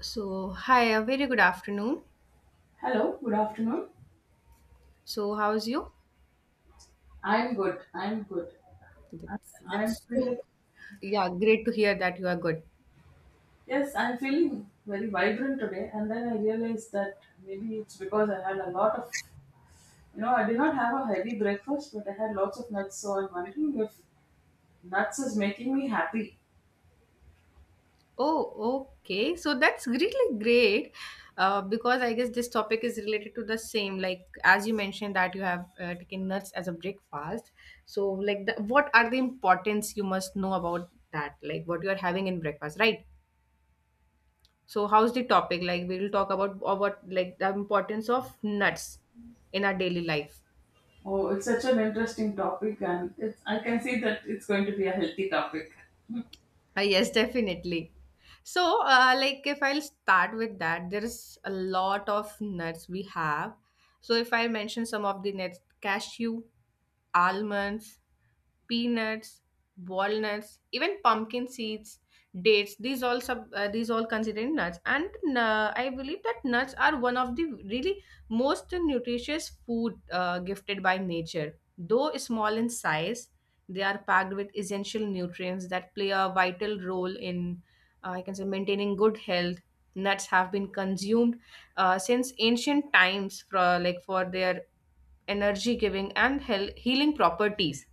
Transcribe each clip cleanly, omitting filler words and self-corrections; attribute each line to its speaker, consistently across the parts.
Speaker 1: So, hi, a very good afternoon.
Speaker 2: Hello, good afternoon.
Speaker 1: So, how's you?
Speaker 2: I'm good. I'm good. I-
Speaker 1: That's
Speaker 2: I'm
Speaker 1: That's so,
Speaker 2: feeling
Speaker 1: yeah, great to hear that you are good.
Speaker 2: yes, I'm feeling very vibrant today. And then I realized that maybe it's because I had a lot of, you know, I did not have a heavy breakfast, but I had lots of nuts. So I'm wondering if nuts is making me happy.
Speaker 1: Oh, okay. So that's really great, because I guess this topic is related to the same. Like as you mentioned that you have taken nuts as a breakfast. So, like, what are the importance you must know about that? Like what you are having in breakfast, right? So, how's the topic? Like we will talk about like the importance of nuts in our daily life.
Speaker 2: Oh, it's such an interesting topic, and it's I can see that it's going to be a healthy topic.
Speaker 1: Yes, definitely. So, like if I'll start with that, there's a lot of nuts we have. So, if I mention some of the nuts, cashew, almonds, peanuts, walnuts, even pumpkin seeds, dates. These all considered nuts, and I believe that nuts are one of the really most nutritious food gifted by nature. Though small in size, they are packed with essential nutrients that play a vital role in, I can say, maintaining good health. Nuts have been consumed since ancient times for their energy giving and healing properties.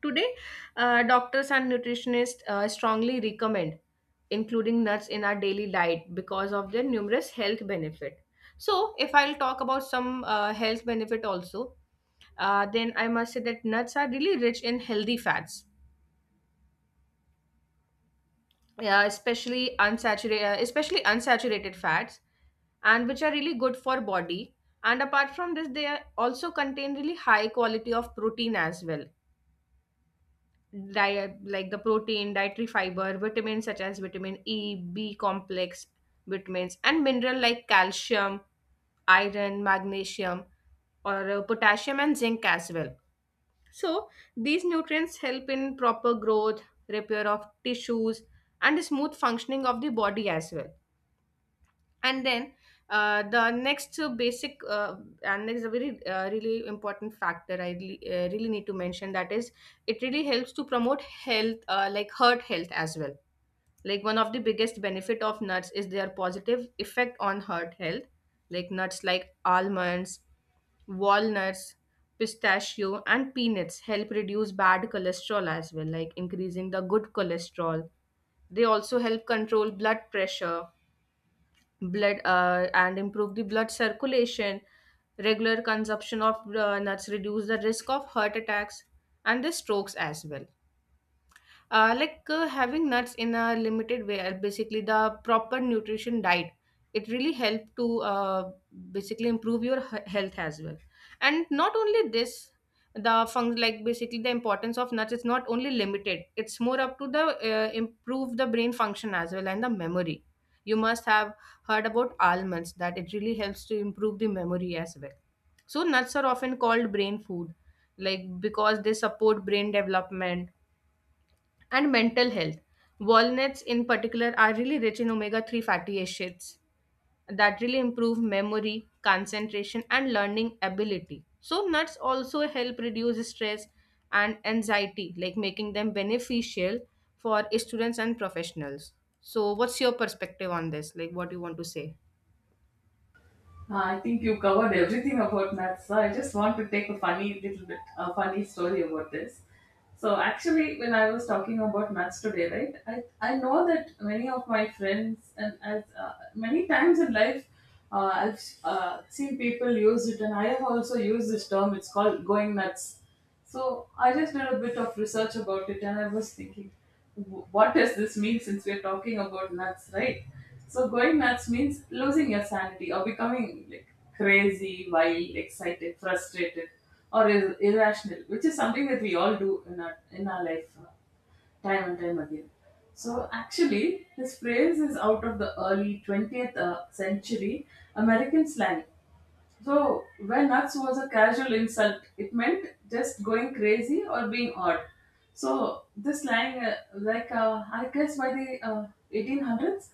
Speaker 1: Today, doctors and nutritionists strongly recommend including nuts in our daily diet because of their numerous health benefit. So, if I'll talk about some health benefit also, then I must say that nuts are really rich in healthy fats. Yeah, especially unsaturated fats, and which are really good for body. And apart from this, they are also contain really high quality of protein as well. Like the protein, dietary fiber, vitamins such as vitamin E, B complex vitamins, and mineral like calcium, iron, magnesium, or potassium and zinc as well. So these nutrients help in proper growth, repair of tissues, and smooth functioning of the body as well. And then the next basic, and next a very really important factor I really, really need to mention that is it really helps to promote health, like heart health as well. Like one of the biggest benefit of nuts is their positive effect on heart health, like nuts like almonds, walnuts, pistachio, and peanuts help reduce bad cholesterol, as well like increasing the good cholesterol. They also help control blood pressure, blood and improve the blood circulation. Regular consumption of nuts reduce the risk of heart attacks and the strokes as well. Like having nuts in a limited way, basically the proper nutrition diet, it really helped to basically improve your health as well. And not only this, the fun like basically the importance of nuts is not only limited, it's more up to the improve the brain function as well and the memory. You must have heard about almonds that it really helps to improve the memory as well. So nuts are often called brain food, like because they support brain development and mental health. Walnuts, in particular, are really rich in omega 3 fatty acids that really improve memory, concentration, and learning ability. So, nuts also help reduce stress and anxiety, like making them beneficial for students and professionals. So, what's your perspective on this? Like, what do you want to say?
Speaker 2: I think you covered everything about maths. So I just want to take a funny story about this. So actually, when I was talking about maths today, right? I know that many of my friends, and as many times in life, I've seen people use it, and I have also used this term. It's called going nuts. So I just did a bit of research about it, and I was thinking, What does this mean, since we're talking about nuts, right?" So going nuts means losing your sanity or becoming like crazy, wild, excited, frustrated, or irrational, which is something that we all do in our life, time and time again. So actually, this phrase is out of the early 20th century American slang. So when nuts was a casual insult, it meant just going crazy or being odd. So this slang, I guess, by the 1800s,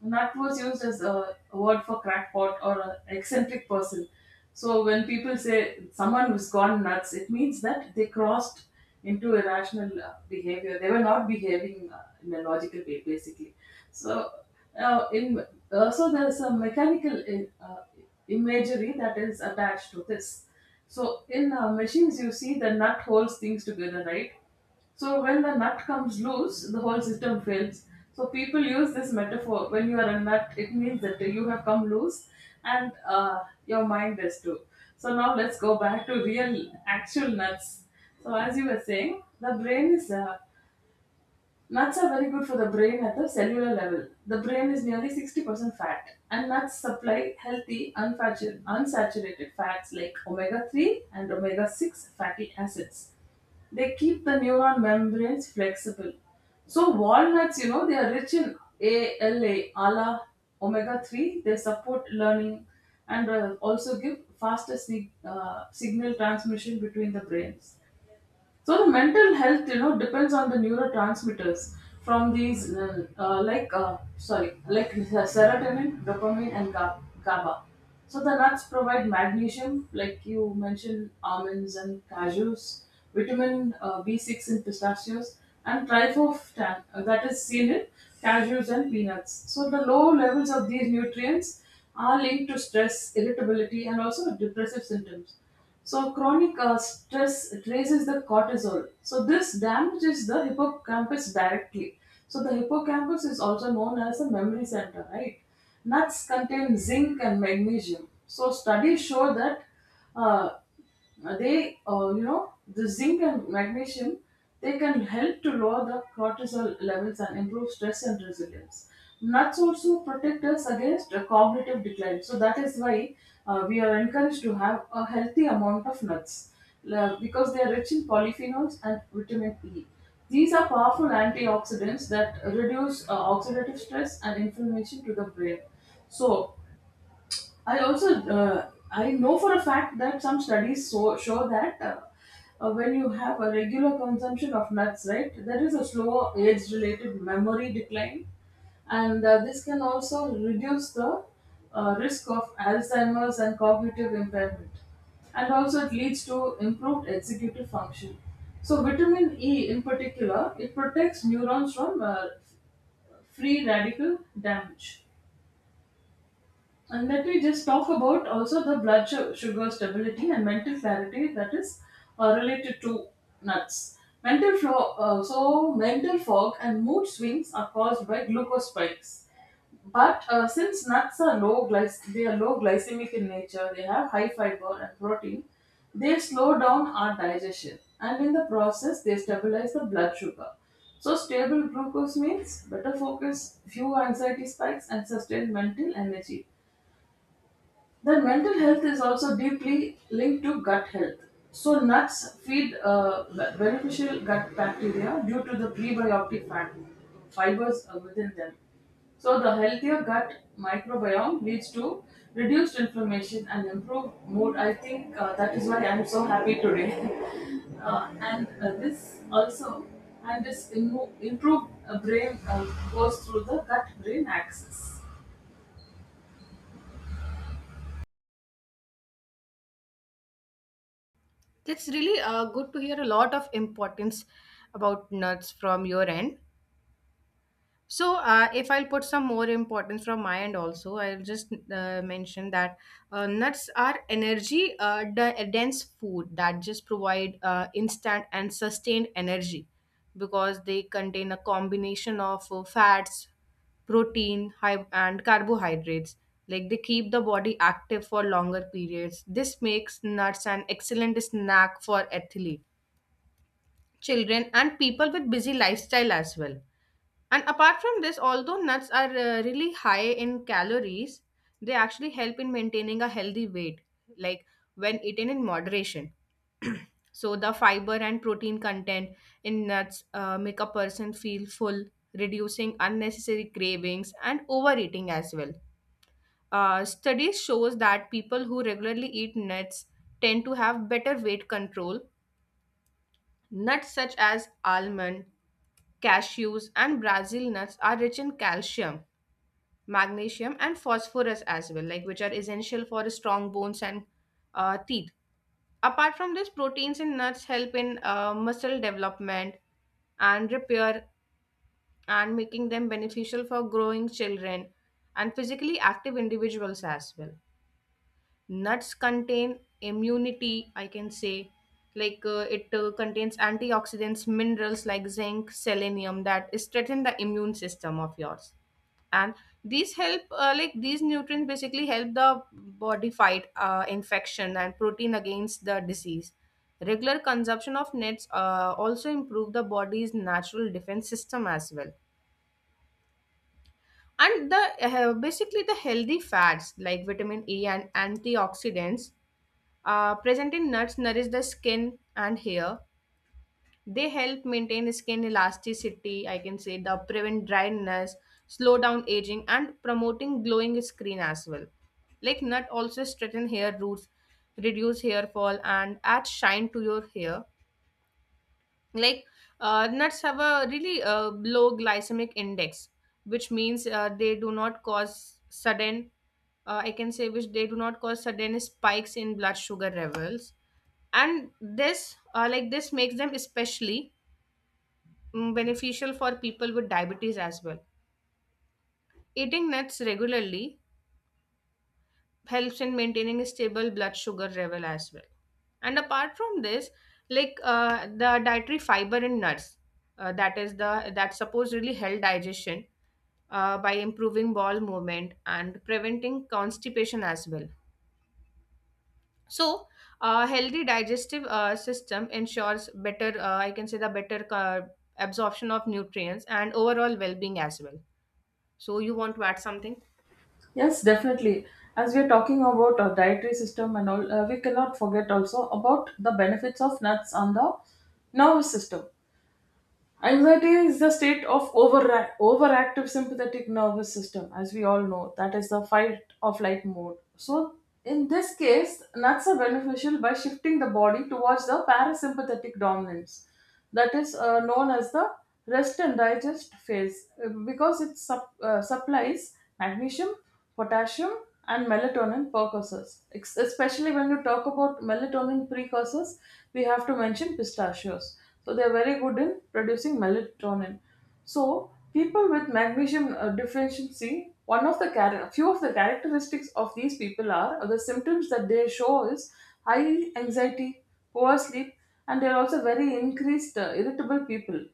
Speaker 2: nut was used as a word for crackpot or a eccentric person. So when people say someone who's gone nuts, it means that they crossed into irrational behavior. They were not behaving in a logical way, basically. So, now in also, there's a mechanical imagery that is attached to this. So in machines, you see the nut holds things together, right? So when the nut comes loose, the whole system fails. So people use this metaphor. When you are a nut, it means that you have come loose, and your mind is too. So now let's go back to real, actual nuts. So as you were saying, the brain is Nuts are very good for the brain at the cellular level. The brain is nearly 60% fat, and nuts supply healthy, unsaturated fats like omega 3 and omega 6 fatty acids. They keep the neuron membranes flexible. So walnuts, they are rich in ALA, ALA, omega 3. They support learning, and also give faster signal transmission between the brains. So the mental health, depends on the neurotransmitters from these, like serotonin, dopamine, and GABA. So the nuts provide magnesium, like you mentioned, almonds and cashews, vitamin B6 in pistachios, and tryptophan, that is seen in cashews and peanuts. So the low levels of these nutrients are linked to stress, irritability, and also depressive symptoms. So chronic stress raises the cortisol. So this damages the hippocampus directly. So the hippocampus is also known as the memory center, right? Nuts contain zinc and magnesium. So studies show that uh, they you know the zinc and magnesium they can help to lower the cortisol levels and improve stress and resilience. Nuts also protect us against cognitive decline, so that is why we are encouraged to have a healthy amount of nuts, because they are rich in polyphenols and vitamin E. These are powerful antioxidants that reduce oxidative stress and inflammation to the brain. So I also, I know for a fact that some studies show that, when you have a regular consumption of nuts, right, there is a slow age-related memory decline, and this can also reduce the risk of Alzheimer's and cognitive impairment, and also it leads to improved executive function. So vitamin E, in particular, it protects neurons from free radical damage. And that, we just talk about also the blood sugar stability and mental clarity, that is related to nuts. So mental fog and mood swings are caused by glucose spikes. But since nuts are low glycemic in nature, they have high fiber and protein, they slow down our digestion, and in the process they stabilize the blood sugar. So stable glucose means better focus, fewer anxiety spikes, and sustained mental energy. Then mental health is also deeply linked to gut health. So nuts feed beneficial gut bacteria due to the prebiotic fat fibers within them. So the healthier gut microbiome leads to reduced inflammation and improved mood. I think that is why I'm so happy today. And this also and this immo- improved brain goes through the gut brain axis.
Speaker 1: It's really good to hear a lot of importance about nuts from your end. So, if I'll put some more importance from my end also, I'll just mention that nuts are energy dense food that just provide instant and sustained energy because they contain a combination of fats, protein, and carbohydrates. Like they keep the body active for longer periods. This makes nuts an excellent snack for athlete, children, and people with busy lifestyle as well. And apart from this, although nuts are really high in calories, they actually help in maintaining a healthy weight, like when eaten in moderation. So, the fiber and protein content in nuts make a person feel full, reducing unnecessary cravings and overeating as well. Studies shows that people who regularly eat nuts tend to have better weight control. Nuts such as almond, cashews, and Brazil nuts are rich in calcium, magnesium, and phosphorus as well, like which are essential for strong bones and teeth. Apart from this, proteins in nuts help in muscle development and repair, and making them beneficial for growing children and physically active individuals as well. Nuts contain immunity, I can say, like it contains antioxidants, minerals like zinc, selenium, that strengthen the immune system of yours. And these help like these nutrients basically help the body fight infection and protein against the disease. Regular consumption of nuts also improve the body's natural defense system as well. And the basically the healthy fats like vitamin E and antioxidants present in nuts nourish the skin and hair. They help maintain skin elasticity, I can say, the prevent dryness, slow down aging, and promoting glowing skin as well. Like nut also straighten hair roots, reduce hair fall, and add shine to your hair. Like nuts have a really low glycemic index, which means they do not cause sudden I can say which they do not cause sudden spikes in blood sugar levels. And this, like this, makes them especially beneficial for people with diabetes as well. Eating nuts regularly helps in maintaining a stable blood sugar level as well. And apart from this, like the dietary fiber in nuts, that is the that supposedly help digestion by improving bowel movement and preventing constipation as well. So, a healthy digestive system ensures better, I can say, the better absorption of nutrients and overall well-being as well. So, you want to add something?
Speaker 2: Yes, definitely. As we are talking about our dietary system and all, we cannot forget also about the benefits of nuts on the nervous system. Anxiety is the state of overactive sympathetic nervous system, as we all know. That is the fight or flight mode. So in this case, nuts are beneficial by shifting the body towards the parasympathetic dominance, that is known as the rest and digest phase, because it supplies magnesium, potassium, and melatonin precursors. Especially when you talk about melatonin precursors, we have to mention pistachios. So they are very good in producing melatonin. So people with magnesium deficiency, one of the char- few of the characteristics of these people, are or the symptoms that they show, is high anxiety, poor sleep, and they are also very increased, irritable people.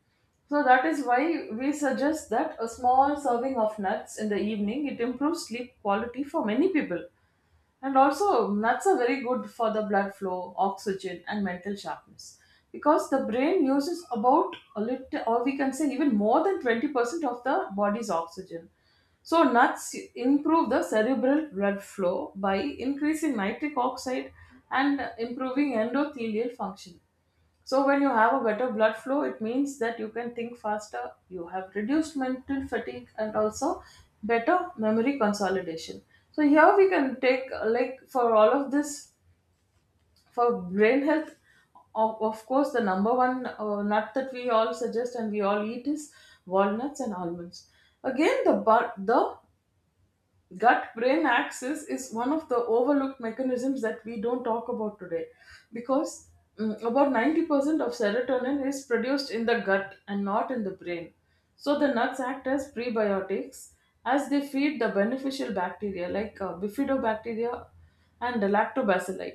Speaker 2: So that is why we suggest that a small serving of nuts in the evening, it improves sleep quality for many people. And also, nuts are very good for the blood flow, oxygen, and mental sharpness, because the brain uses about a little, or we can say even more than 20% of the body's oxygen. So nuts improve the cerebral blood flow by increasing nitric oxide and improving endothelial function. So when you have a better blood flow, it means that you can think faster, you have reduced mental fatigue, and also better memory consolidation. So here we can take, for all of this, for brain health, of course the number one nut that we all suggest and we all eat is walnuts and almonds. Again, the gut brain axis is one of the overlooked mechanisms that we don't talk about today, because about 90% of serotonin is produced in the gut and not in the brain. So the nuts act as prebiotics, as they feed the beneficial bacteria like bifidobacteria and lactobacilli.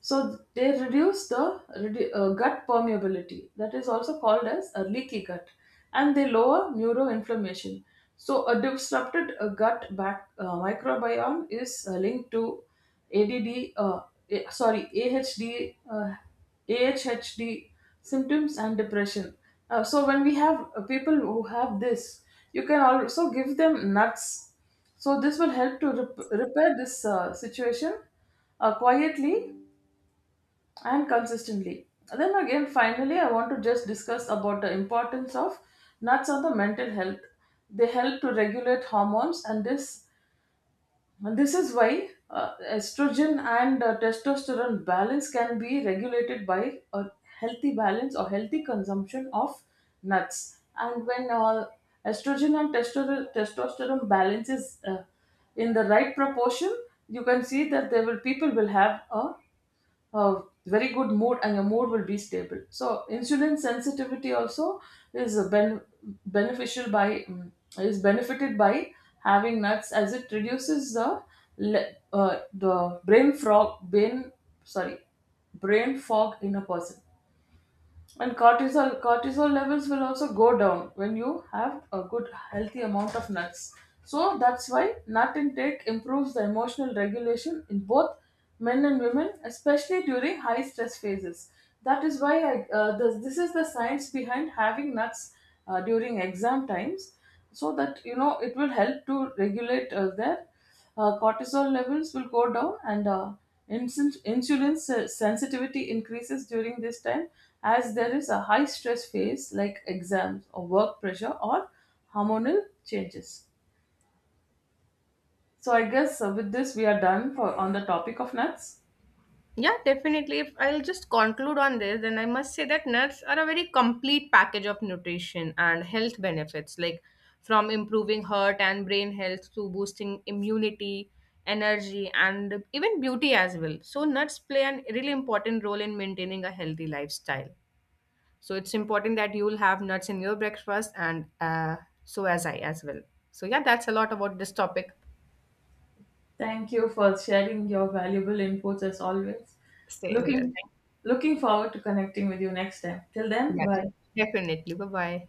Speaker 2: So they reduce the gut permeability, that is also called as a leaky gut, and they lower neuroinflammation. So a disrupted, microbiome is linked to ADD, uh, A- sorry AHD, AHHD symptoms and depression. So when we have, people who have this, you can also give them nuts. So this will help to repair this situation, quietly and consistently. Then again, finally, I want to just discuss about the importance of nuts on the mental health. They help to regulate hormones, and this is why estrogen and testosterone balance can be regulated by a healthy balance or healthy consumption of nuts. And when estrogen and testosterone balance is in the right proportion, you can see that they will people will have a very good mood, and your mood will be stable. So insulin sensitivity also is a ben- beneficial by mm, is benefited by having nuts, as it reduces the the brain frog brain sorry brain fog in a person. And cortisol levels will also go down when you have a good healthy amount of nuts. So that's why nut intake improves the emotional regulation in both men and women, especially during high stress phases. That is why this is the science behind having nuts during exam times, so that you know it will help to regulate their cortisol levels will go down, and insulin sensitivity increases during this time, as there is a high stress phase like exams or work pressure or hormonal changes. So I guess, with this we are done for on the topic of nuts.
Speaker 1: Yeah, definitely. If I'll just conclude on this, then I must say that nuts are a very complete package of nutrition and health benefits, like from improving heart and brain health to boosting immunity, energy, and even beauty as well. So, nuts play a really important role in maintaining a healthy lifestyle. So, it's important that you'll have nuts in your breakfast, and so as I as well. So, yeah, that's a lot about this topic.
Speaker 2: Thank you for sharing your valuable inputs, as always.
Speaker 1: Same here.
Speaker 2: looking Looking forward to connecting with you next time. Till then,
Speaker 1: Yeah,
Speaker 2: bye.
Speaker 1: definitely. Bye bye.